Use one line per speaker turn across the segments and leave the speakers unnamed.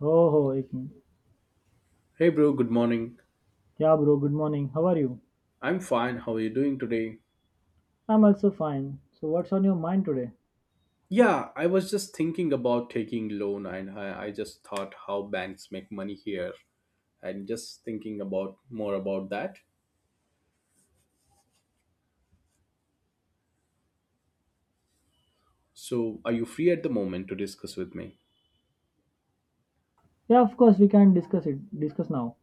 Oh, ho, Ikin.
Hey bro, good morning.
Yeah, bro, good morning. How are you?
I'm fine. How are you doing today?
I'm also fine. So, what's on your mind today?
Yeah, I was just thinking about taking loan and I just thought how banks make money here and just thinking about more about that. So, are you free at the moment to discuss with me?
Yeah, of course, we can discuss it. Discuss now.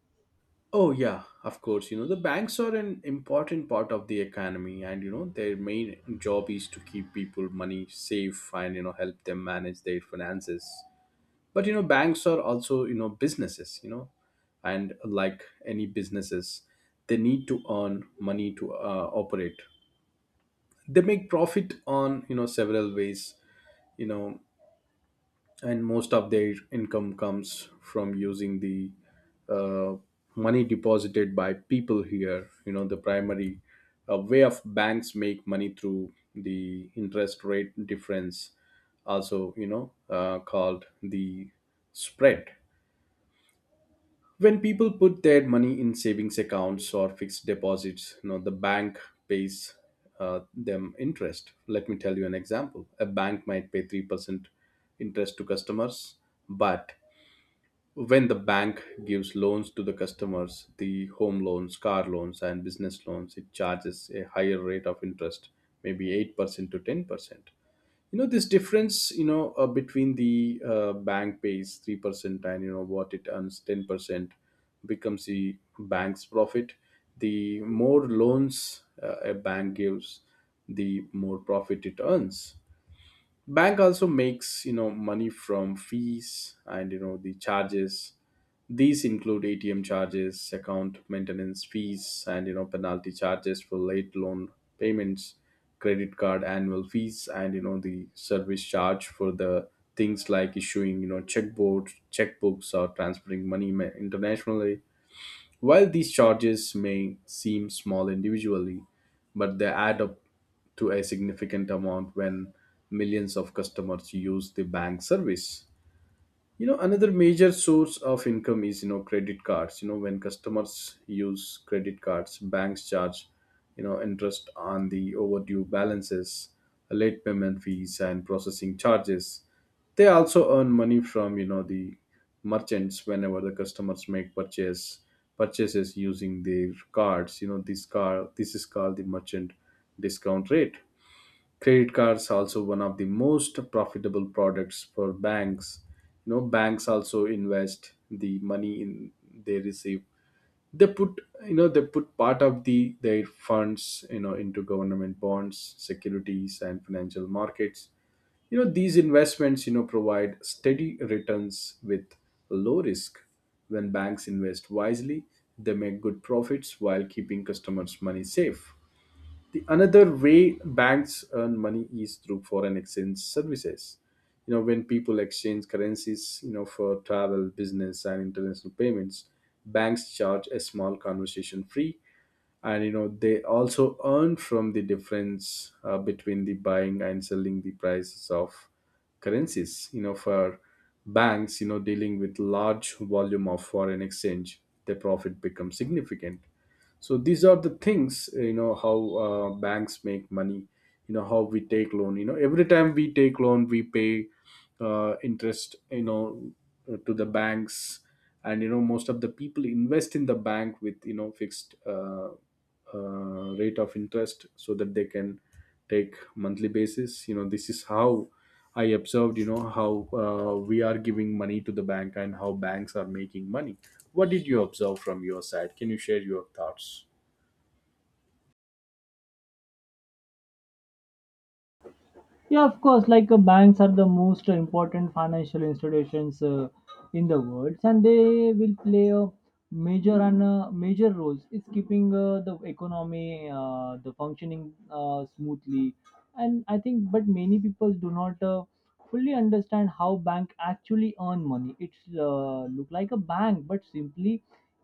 Oh yeah, of course. You know, the banks are an important part of the economy and you know, their main job is to keep people money safe and you know, help them manage their finances. But you know banks are also you know businesses you know, and like any businesses they need to earn money to operate. They make profit on you know several ways you know, and most of their income comes from using the uh, money deposited by people here. You know, the primary way of banks make money through the interest rate difference, also you know called the spread. When people put their money in savings accounts or fixed deposits, you know the bank pays them interest. Let me tell you an example, a bank might pay 3% interest to customers, but when the bank gives loans to the customers, the home loans, car loans and business loans, it charges a higher rate of interest, maybe 8% to 10%. You know this difference, you know between the bank pays 3% and you know what it earns 10%, becomes the bank's profit. The more loans a bank gives, the more profit it earns. Bank also makes you know money from fees and you know the charges. These include ATM charges, account maintenance fees, and you know penalty charges for late loan payments, credit card annual fees, and you know the service charge for the things like issuing you know checkboard checkbooks or transferring money internationally. While these charges may seem small individually, but they add up to a significant amount when millions of customers use the bank service. You know another major source of income is you know credit cards. You know when customers use credit cards, banks charge you know interest on the overdue balances, late payment fees and processing charges. They also earn money from you know the merchants whenever the customers make purchases using their cards. You know this car this is called the merchant discount rate. Credit cards also one of the most profitable products for banks. You know banks also invest the money in they receive. They put you know they put part of the their funds you know into government bonds, securities and financial markets. You know these investments you know provide steady returns with low risk. When banks invest wisely, they make good profits while keeping customers money safe. The another way banks earn money is through foreign exchange services. You know, when people exchange currencies, you know, for travel, business, and international payments, banks charge a small conversion fee, and you know they also earn from the difference between the buying and selling the prices of currencies. You know, for banks, you know, dealing with large volume of foreign exchange, their profit becomes significant. So these are the things you know how banks make money. You know how we take loan, you know every time we take loan we pay interest you know to the banks. And you know most of the people invest in the bank with you know fixed rate of interest so that they can take monthly basis. You know this is how I observed you know how we are giving money to the bank and how banks are making money. What did you observe from your side? Can you share your thoughts?
Yeah, of course, banks are the most important financial institutions in the world, and they will play a major and major roles. It's keeping the economy, the functioning smoothly, and I think, but many people do not. Fully understand how bank actually earn money it's Look like a bank but simply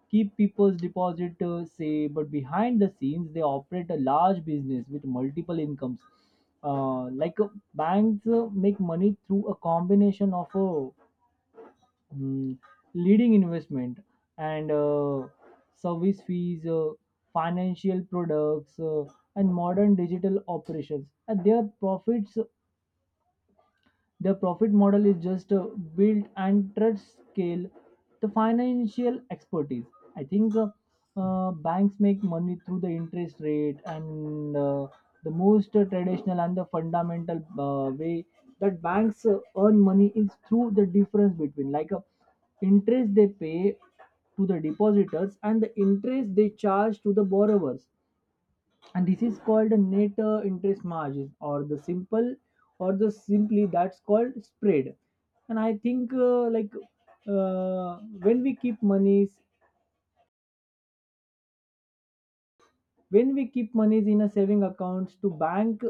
keep people's deposit say, but behind the scenes they operate a large business with multiple incomes. uh, like uh, Banks make money through a combination of a mm, leading investment and service fees, financial products, and modern digital operations, and their profit model is just build and trust scale the financial expertise. I think Banks make money through the interest rate, and the most traditional and the fundamental way that banks earn money is through the difference between like a interest they pay to the depositors and the interest they charge to the borrowers. And this is called the net interest margin or the simple or the simply that's called spread. And I think like uh, when we keep monies when we keep monies in a saving accounts to bank,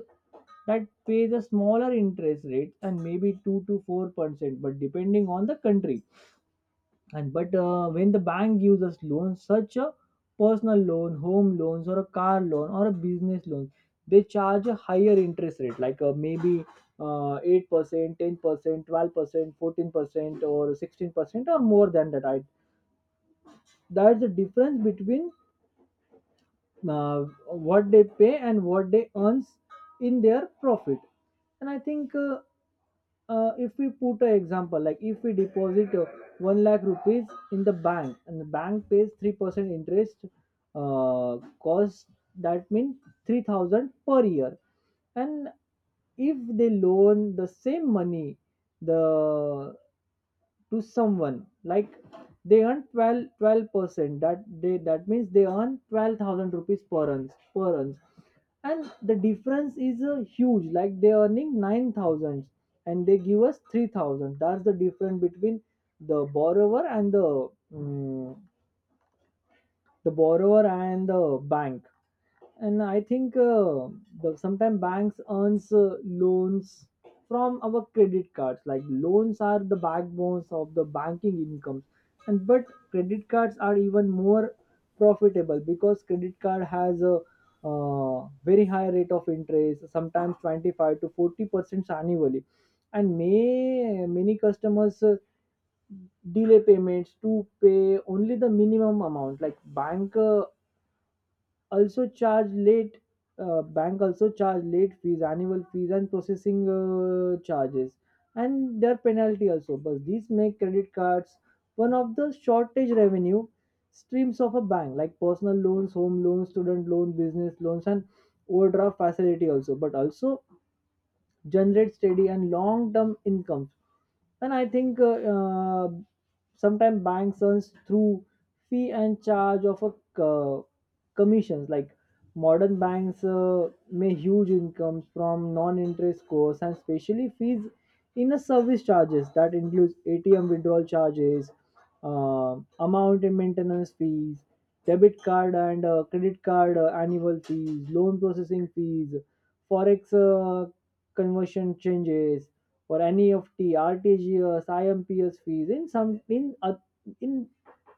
that pays a smaller interest rate, and maybe 2 to 4%, but depending on the country. And but uh, when the bank gives us loans, such a personal loan, home loans, or a car loan or a business loan, they charge a higher interest rate, like maybe uh, 8% 10% 12% 14% or 16% or more than that. I, that's the difference between what they pay and what they earns in their profit. And I think If we put an example, like if we deposit 1 lakh rupees in the bank and the bank pays 3% interest cost, that means 3,000 per year. And if they loan the same money, the, to someone, like they earn twelve percent that they, that means they earn 12,000 rupees per ounce. And the difference is a huge, like they're earning 9,000 and they give us 3,000. That's the difference between the borrower and the borrower and the bank. And I think The sometimes banks earns loans from our credit cards, like loans are the backbones of the banking incomes. And but credit cards are even more profitable, because credit card has a very high rate of interest, sometimes 25 to 40% annually. And may Many customers delay payments to pay only the minimum amount. Like also charge late bank also charge late fees, annual fees, and processing charges, and their penalty also. But these make credit cards one of the shortage revenue streams of a bank, like personal loans, home loans, student loan, business loans, and overdraft facility also. But also generate steady and long term incomes. And I think Sometimes banks earns through fee and charge of a uh, commissions. Like modern banks make huge incomes from non-interest costs, and especially fees in a service charges. That includes ATM withdrawal charges, uh, amount and maintenance fees, debit card and credit card annual fees, loan processing fees, forex conversion changes, or NEFT, RTGS, IMPS fees in some in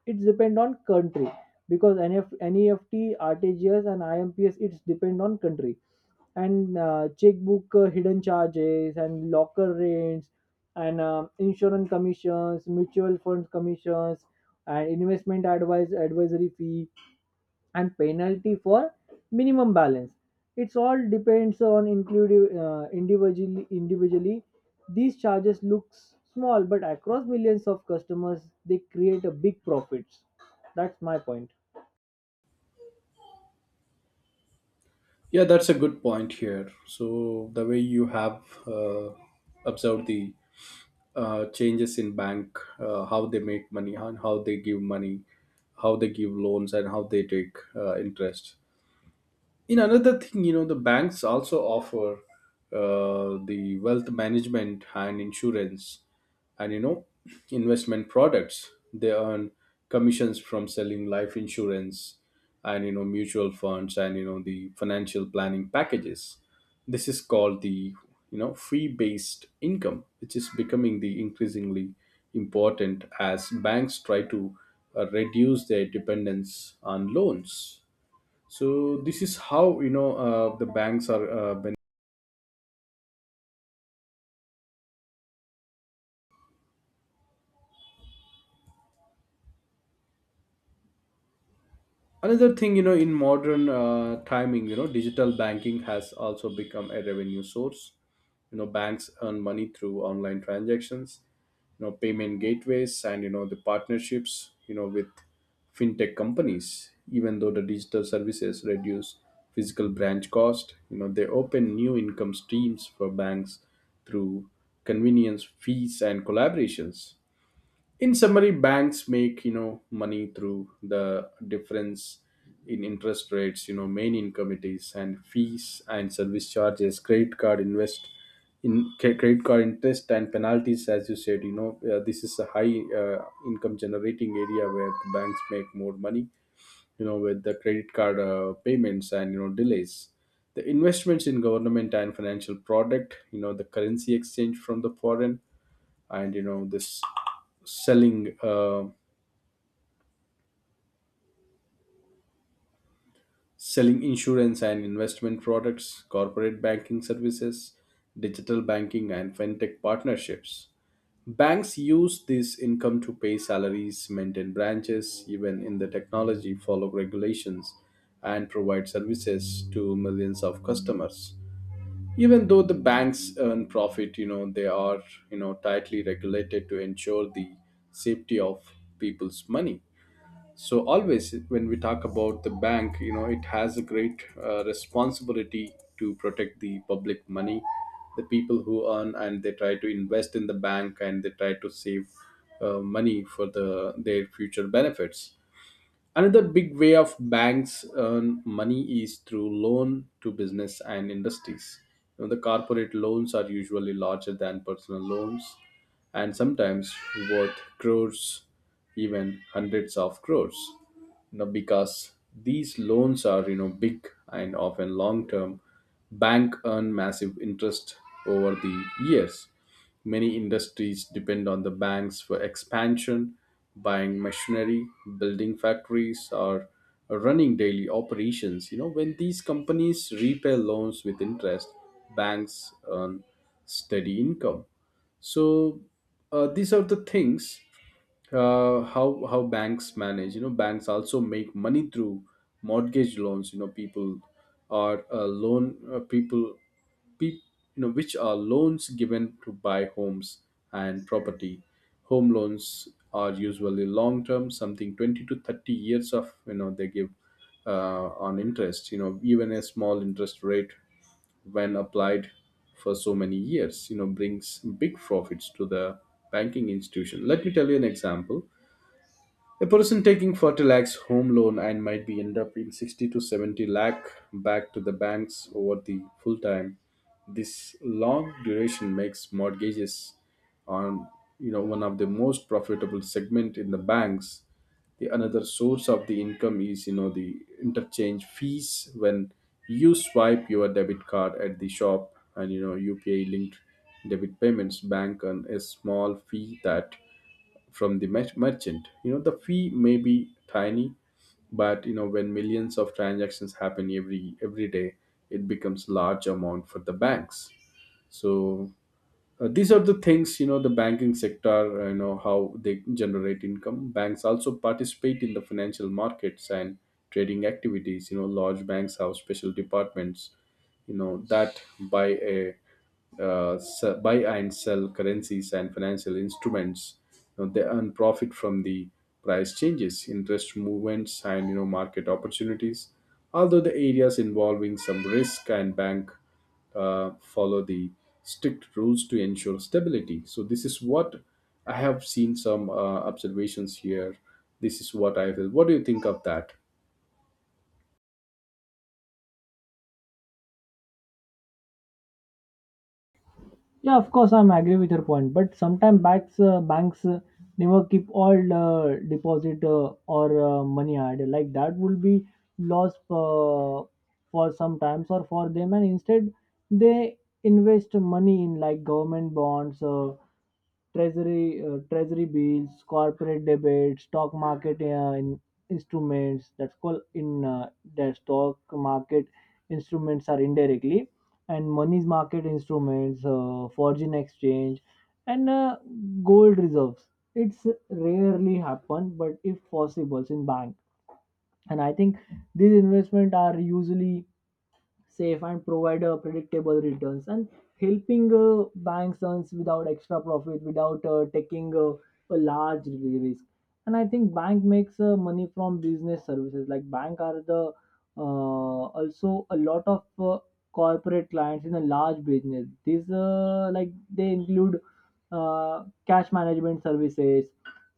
it's depend on country. Because RTGS, and IMPS, it's depend on country. And checkbook hidden charges and locker rates, and insurance commissions, mutual fund commissions, and investment advice advisory fee, and penalty for minimum balance. It's all depends on include Individually, these charges looks small, but across millions of customers, they create a big profits. That's my point.
Yeah, that's a good point here. So the way you have uh, observed the changes in bank, how they make money and how they give money, how they give loans and how they take interest. In another thing, you know, the banks also offer the wealth management and insurance and you know investment products. They earn commissions from selling life insurance and you know mutual funds and you know the financial planning packages. This is called the you know fee based income, which is becoming the increasingly important as banks try to reduce their dependence on loans. So this is how you know the banks are. Uh, another thing, you know in modern timing you know digital banking has also become a revenue source. You know banks earn money through online transactions, you know payment gateways and you know the partnerships you know with fintech companies. Even though the digital services reduce physical branch cost, you know they open new income streams for banks through convenience fees and collaborations. In summary, banks make you know money through the difference in interest rates, you know main income it is, and fees and service charges, credit card credit card interest and penalties, as you said you know this is a high income generating area where the banks make more money you know with the credit card payments and you know delays, the investments in government and financial product, you know the currency exchange from the foreign, and you know this selling uh, selling insurance and investment products, corporate banking services, digital banking and fintech partnerships. Banks use this income to pay salaries, maintain branches, even in the technology, follow regulations and provide services to millions of customers. Even though the banks earn profit, you know they are you know tightly regulated to ensure the safety of people's money. So always when we talk about the bank, you know it has a great responsibility to protect the public money, the people who earn and they try to invest in the bank and they try to save money for the their future benefits. Another big way of banks earn money is through loan to business and industries. You know, the corporate loans are usually larger than personal loans and sometimes worth crores, even hundreds of crores, you know, because these loans are you know big and often long term, bank earn massive interest over the years. Many industries depend on the banks for expansion, buying machinery, building factories or running daily operations. You know when these companies repay loans with interest, banks earn steady income. So these are the things how banks manage. You know banks also make money through mortgage loans. You know people are loan people peop, you know which are loans given to buy homes and property. Home loans are usually long term, something 20 to 30 years of, you know they give on interest. You know, even a small interest rate when applied for so many years you know brings big profits to the banking institution. Let me tell you an example, a person taking 40 lakhs home loan and might be end up in 60 to 70 lakh back to the banks over the full time. This long duration makes mortgages on you know one of the most profitable segment in the banks. The another source of the income is you know the interchange fees. When you swipe your debit card at the shop and you know UPI linked debit payments, bank and a small fee that from the merchant. You know, the fee may be tiny, but you know, when millions of transactions happen every day, it becomes large amount for the banks. So these are the things, you know the banking sector, you know how they generate income. Banks also participate in the financial markets and trading activities. You know large banks have special departments you know that buy and sell currencies and financial instruments. You know, they earn profit from the price changes, interest movements and you know market opportunities. Although the areas involving some risk, and bank follow the strict rules to ensure stability. So this is what I have seen, some observations here. This is what I feel. What do you think of that?
Yeah, of course, I'm agree with your point. But sometimes banks never keep all deposit or money idle. Like that will be lost for some times or for them, and instead they invest money in like government bonds. Treasury treasury bills, corporate debt, stock market in instruments. That's called in the stock market instruments are indirectly, and money's market instruments, foreign exchange, and gold reserves. It's rarely happen, but if possible, in bank. And I think these investment are usually safe and provide predictable returns, and helping banks earns without extra profit, without taking a large risk. And I think Bank makes money from business services. Like bank are the also a lot of corporate clients in a large business. These like they include cash management services,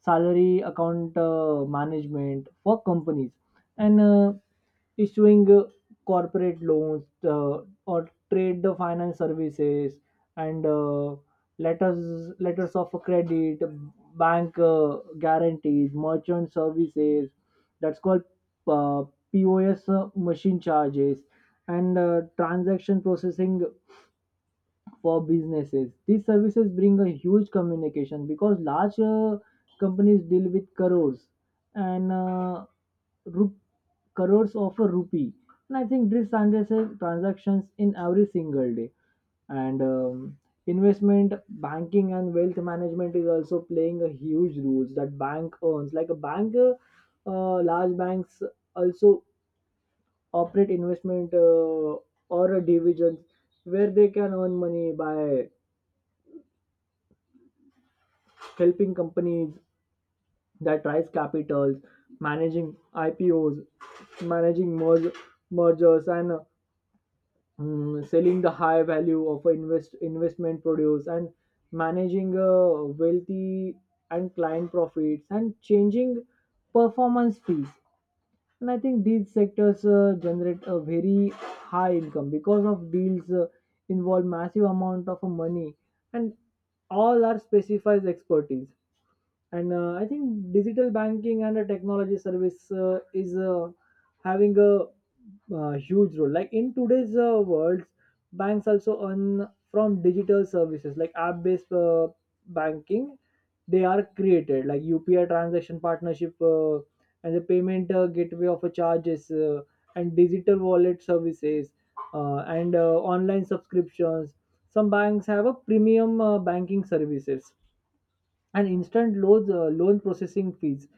salary account management for companies, and issuing corporate loans, uh, or trade the finance services, and letters of credit, bank guarantees, merchant services. That's called uh, POS machine charges, and transaction processing for businesses. These services bring a huge communication, because large companies deal with crores and rup- crores of a rupee. And I think this transactions in every single day. And investment banking and wealth management is also playing a huge role that bank earns. Like large banks also operate investment or a division where they can earn money by helping companies that raise capitals, managing IPOs, managing mergers, and selling the high value of investment produce, and managing wealthy and client profits, and changing performance fees. And I think these sectors generate a very high income, because of deals involve massive amount of money, and all are specified expertise. And I think Digital banking and the technology service is having a huge role. Like in today's world, banks also earn from digital services like app based banking. They are created like UPI transaction partnership, and the payment gateway of a charges, and digital wallet services, and online subscriptions. Some banks have a premium banking services and instant loans, loan processing fees,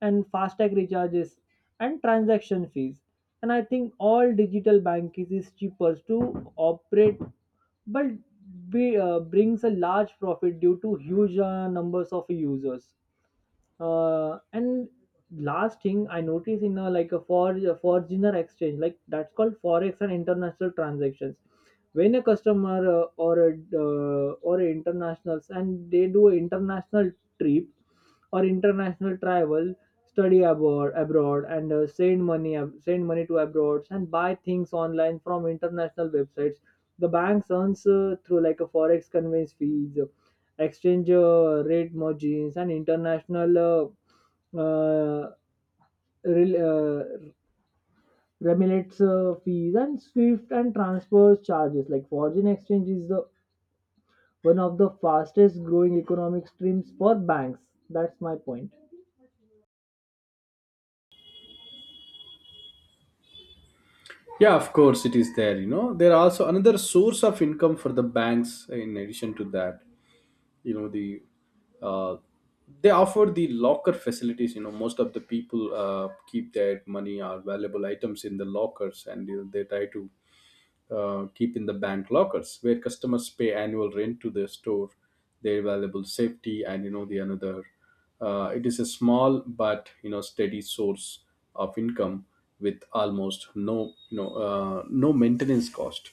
and fast tag recharges and transaction fees. And I think all digital banking is cheaper to operate, but brings a large profit due to huge numbers of users. And last thing I notice in a like a foreigner exchange, like that's called forex and international transactions. When a customer or a internationals and they do an international trip or international travel, study abroad, abroad, and send money to abroad, and buy things online from international websites. The banks earns through like a forex conveyance fees, exchange rate margins, and international rel- uh, remelates fees and swift and transfer charges. Like foreign exchange is the one of the fastest growing economic streams for banks. That's my point.
Yeah, of course it is there. You know, there are also another source of income for the banks. In addition to that, you know the uh, they offer the locker facilities. You know, most of the people keep their money or valuable items in the lockers, and you know, they try to keep in the bank lockers, where customers pay annual rent to the store, their valuable safety, and you know the another. It is a small but steady source of income with almost no no maintenance cost.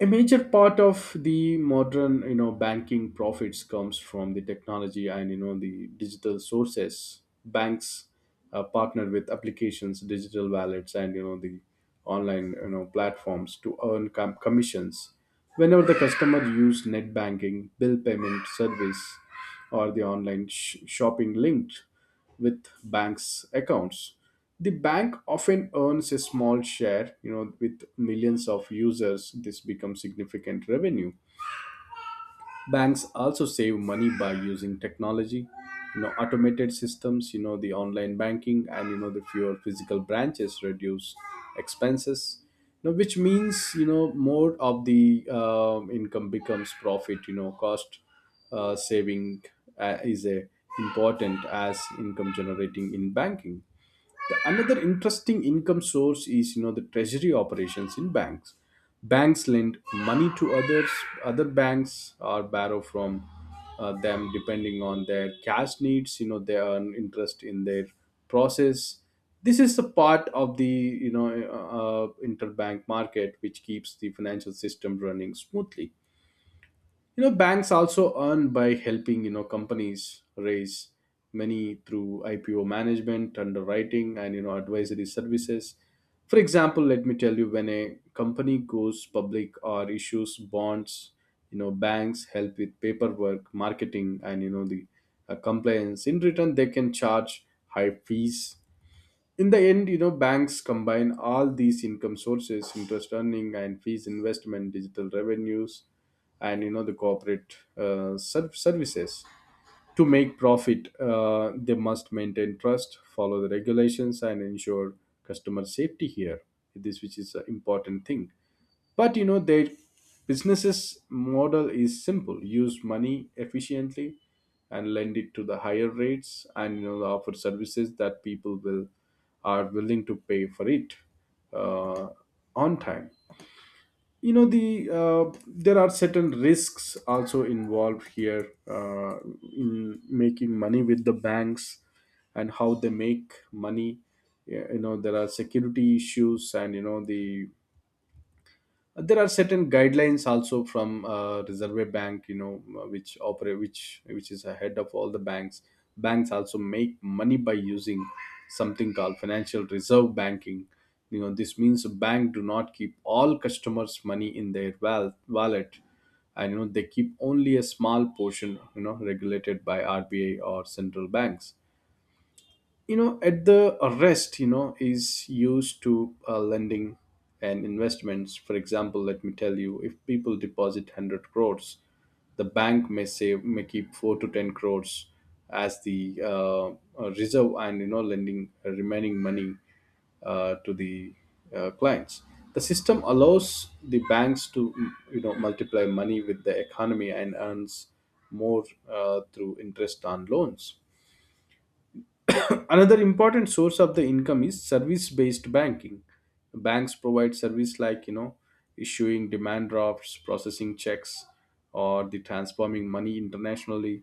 A major part of the modern banking profits comes from the technology and you know the digital sources. Banks partner with applications, digital wallets, and you know the online platforms to earn commissions whenever the customer use net banking, bill payment service, or the online shopping linked with banks accounts. The bank often earns a small share. With millions of users, this becomes significant revenue. Banks also save money by using technology, automated systems, you know the online banking, and you know the fewer physical branches reduce expenses, which means more of the income becomes profit. Cost saving is a important as income generating in banking. The another interesting income source is you know the treasury operations in banks. Banks lend money to others, other banks, or borrow from them depending on their cash needs. They earn interest in their process. This is the part of the you know interbank market, which keeps the financial system running smoothly. Banks also earn by helping companies raise money through IPO management, underwriting, and advisory services. For example, let me tell you, when a company goes public or issues bonds, banks help with paperwork, marketing, and you know the compliance. In return, they can charge high fees. In the end, banks combine all these income sources: interest earning and fees, investment, digital revenues, and you know the corporate services to make profit. They must maintain trust, follow the regulations, and ensure customer safety here. This, which is an important thing. But their businesses model is simple: use money efficiently and lend it to the higher rates, and offer services that people will are willing to pay for it uh, on time. There are certain risks also involved here in making money with the banks and how they make money. Yeah. There are security issues, and there are certain guidelines also from reserve bank. Which operate which is ahead of all the banks. Banks also make money by using something called financial reserve banking. This means a bank do not keep all customers money in their wallet, and they keep only a small portion, regulated by RBI or central banks. At the arrest is used to lending and investments. For example, let me tell you, if people deposit 100 crores, the bank may keep 4 to 10 crores as the reserve, and lending remaining money to the clients. The system allows the banks to multiply money with the economy and earns more through interest on loans. Another important source of the income is service based banking. Banks provide service like, issuing demand drafts, processing checks, or the transforming money internationally.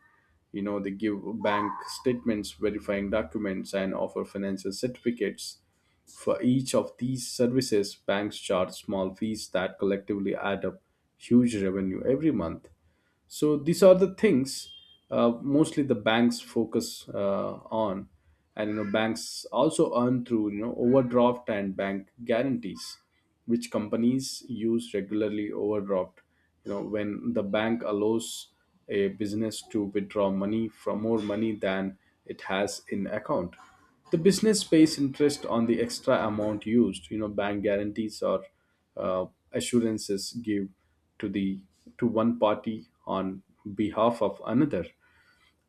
They give bank statements, verifying documents, and offer financial certificates. For each of these services, banks charge small fees that collectively add up huge revenue every month. So these are the things mostly the banks focus on, and banks also earn through overdraft and bank guarantees, which companies use regularly. Overdraft, when the bank allows a business to withdraw money from more money than it has in account, the business pays interest on the extra amount used. Bank guarantees or uh, assurances give to the to one party on behalf of another,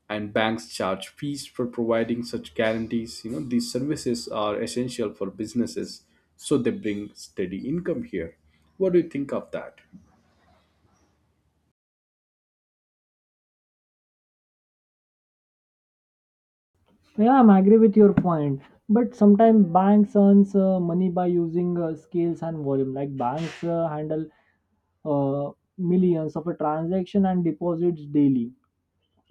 and banks charge fees for providing such guarantees. These services are essential for businesses, so they bring steady income here. What do you think of that?
Yeah, I'm agree with your point. But sometimes banks earns money by using scales and volume. Like banks handle uh, millions of a transaction and deposits daily.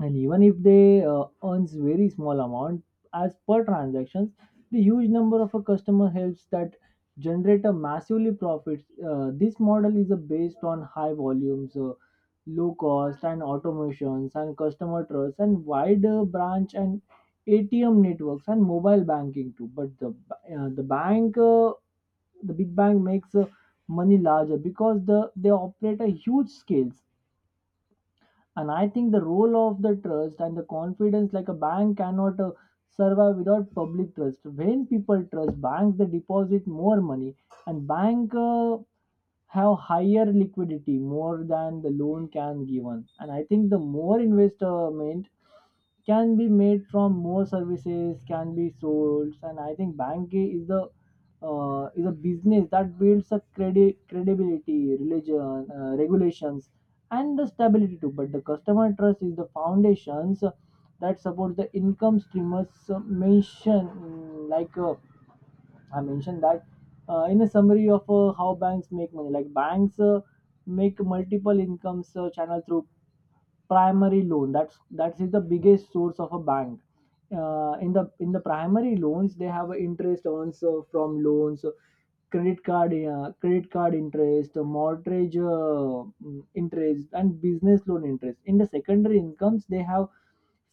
And even if they earns very small amount as per transactions, the huge number of a customer helps that generate a massively profits. This model is based on high volumes, low cost and automations, and customer trust and wider branch and ATM networks and mobile banking too. But the bank The big bank makes money larger, because the they operate a huge scales. And I think the role of the trust and the confidence, like a bank cannot survive without public trust. When people trust banks, they deposit more money, and bank have higher liquidity more than the loan can given. And I think the more investment can be made from, more services can be sold. And I think banking is the is a business that builds a credibility, religion, regulations, and the stability too. But the customer trust is the foundations that supports the income streamers mentioned. I mentioned that in a summary of how banks make money. Like banks make multiple income channel through primary loan. That's that is the biggest source of a bank. In the in the primary loans, they have a interest also from loans, credit card interest, mortgage interest and business loan interest. In the secondary incomes, they have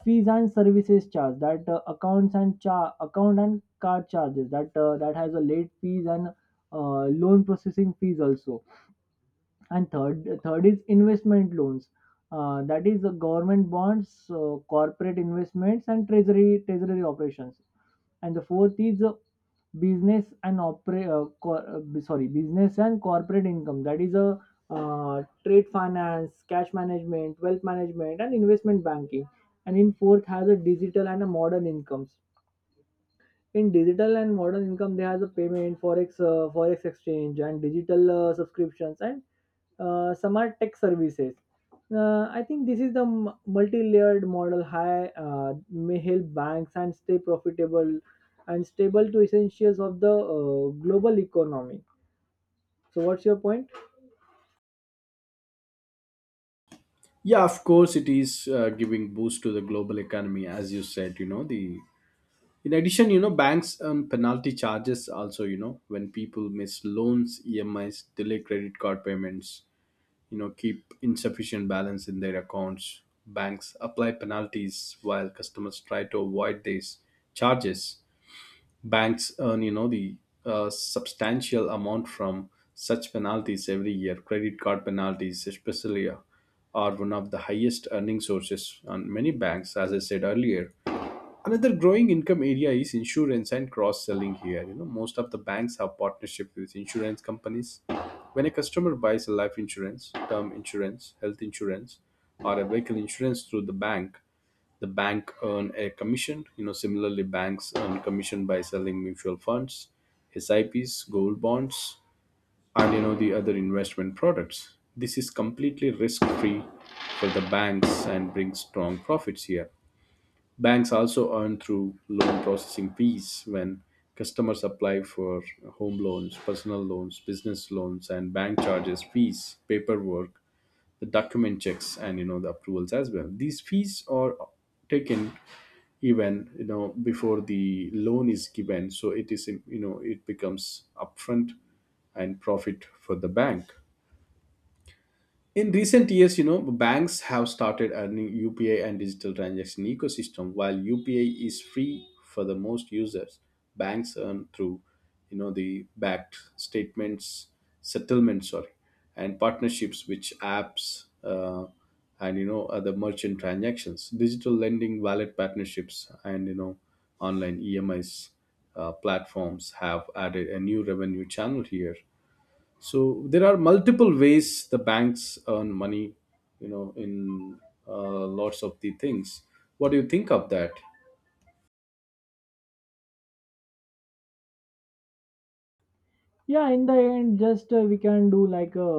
fees and services charge, that account and card charges, that that has a late fees and loan processing fees also. And third is investment loans, that is the government bonds, corporate investments, and treasury operations. And the fourth is business and opera cor- b- sorry business and corporate income, that is a trade finance, cash management, wealth management, and investment banking. And in fourth has a digital and a modern incomes. In digital and modern income, there is a payment, forex, forex exchange, and digital subscriptions, and some are tech services. I think this is the multi-layered model. High may help banks and stay profitable and stable to essentials of the global economy. So, what's your point?
Yeah, of course it is giving boost to the global economy, as you said. You know the In addition, banks earn penalty charges also, when people miss loans, EMIs, delay credit card payments, keep insufficient balance in their accounts. Banks apply penalties while customers try to avoid these charges. Banks earn you know the substantial amount from such penalties every year. Credit card penalties especially are one of the highest earning sources on many banks, as I said earlier. Another growing income area is insurance and cross selling here. Most of the banks have partnership with insurance companies. When a customer buys a life insurance, term insurance, health insurance, or a vehicle insurance through the bank earn a commission. Similarly, banks earn commission by selling mutual funds, SIPs, gold bonds, and you know the other investment products. This is completely risk free for the banks and brings strong profits here. Banks also earn through loan processing fees when customers apply for home loans, personal loans, business loans, and bank charges fees, paperwork, the document checks, and you know the approvals as well. These fees are taken even before the loan is given, so it is you know it becomes upfront and profit for the bank. In recent years, banks have started a new UPI and digital transaction ecosystem. While UPI is free for the most users, banks earn through, the backed statements, settlements, sorry, and partnerships which apps and other merchant transactions, digital lending, wallet partnerships, and online EMIs platforms have added a new revenue channel here. So there are multiple ways the banks earn money, in lots of the things. What do you think of that?
Yeah, in the end, just we can do like a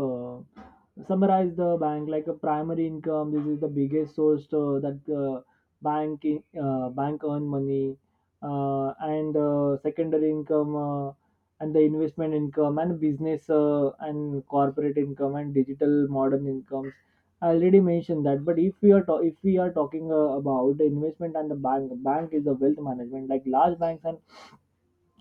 summarize the bank, like a primary income. This is the biggest source that bank earn money. Uh, and uh, secondary income, and the investment income, and business and corporate income, and digital modern incomes. I already mentioned that. But if we are talking about the investment and the bank is the wealth management. Like large banks and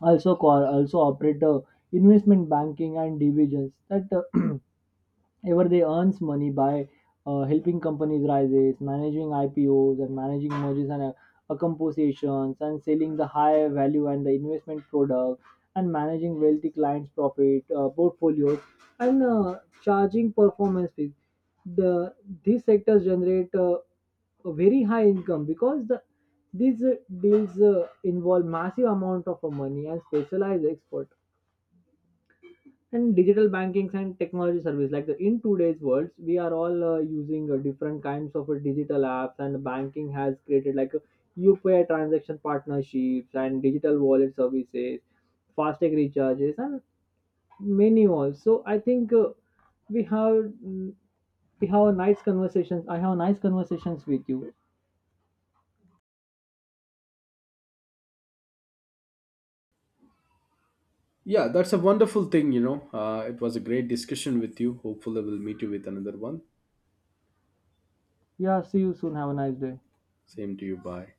also also operate investment banking and divisions that ever they earns money by helping companies rises, managing IPOs and managing mergers and compositions, and selling the high value and the investment product, and managing wealthy clients profit portfolios, and charging performance fees. The these sectors generate a very high income, because the these deals involve massive amount of money and specialized expert. And digital bankings and technology service, like the in today's world we are all using different kinds of digital apps, and banking has created like UPI transaction partnerships and digital wallet services, fastag recharges, and many more. So I think we have mm, a nice conversations. I have nice conversations with you.
Yeah, that's a wonderful thing. It was a great discussion with you. Hopefully we'll meet you with another one.
Yeah, see you soon. Have a nice day.
Same to you. Bye.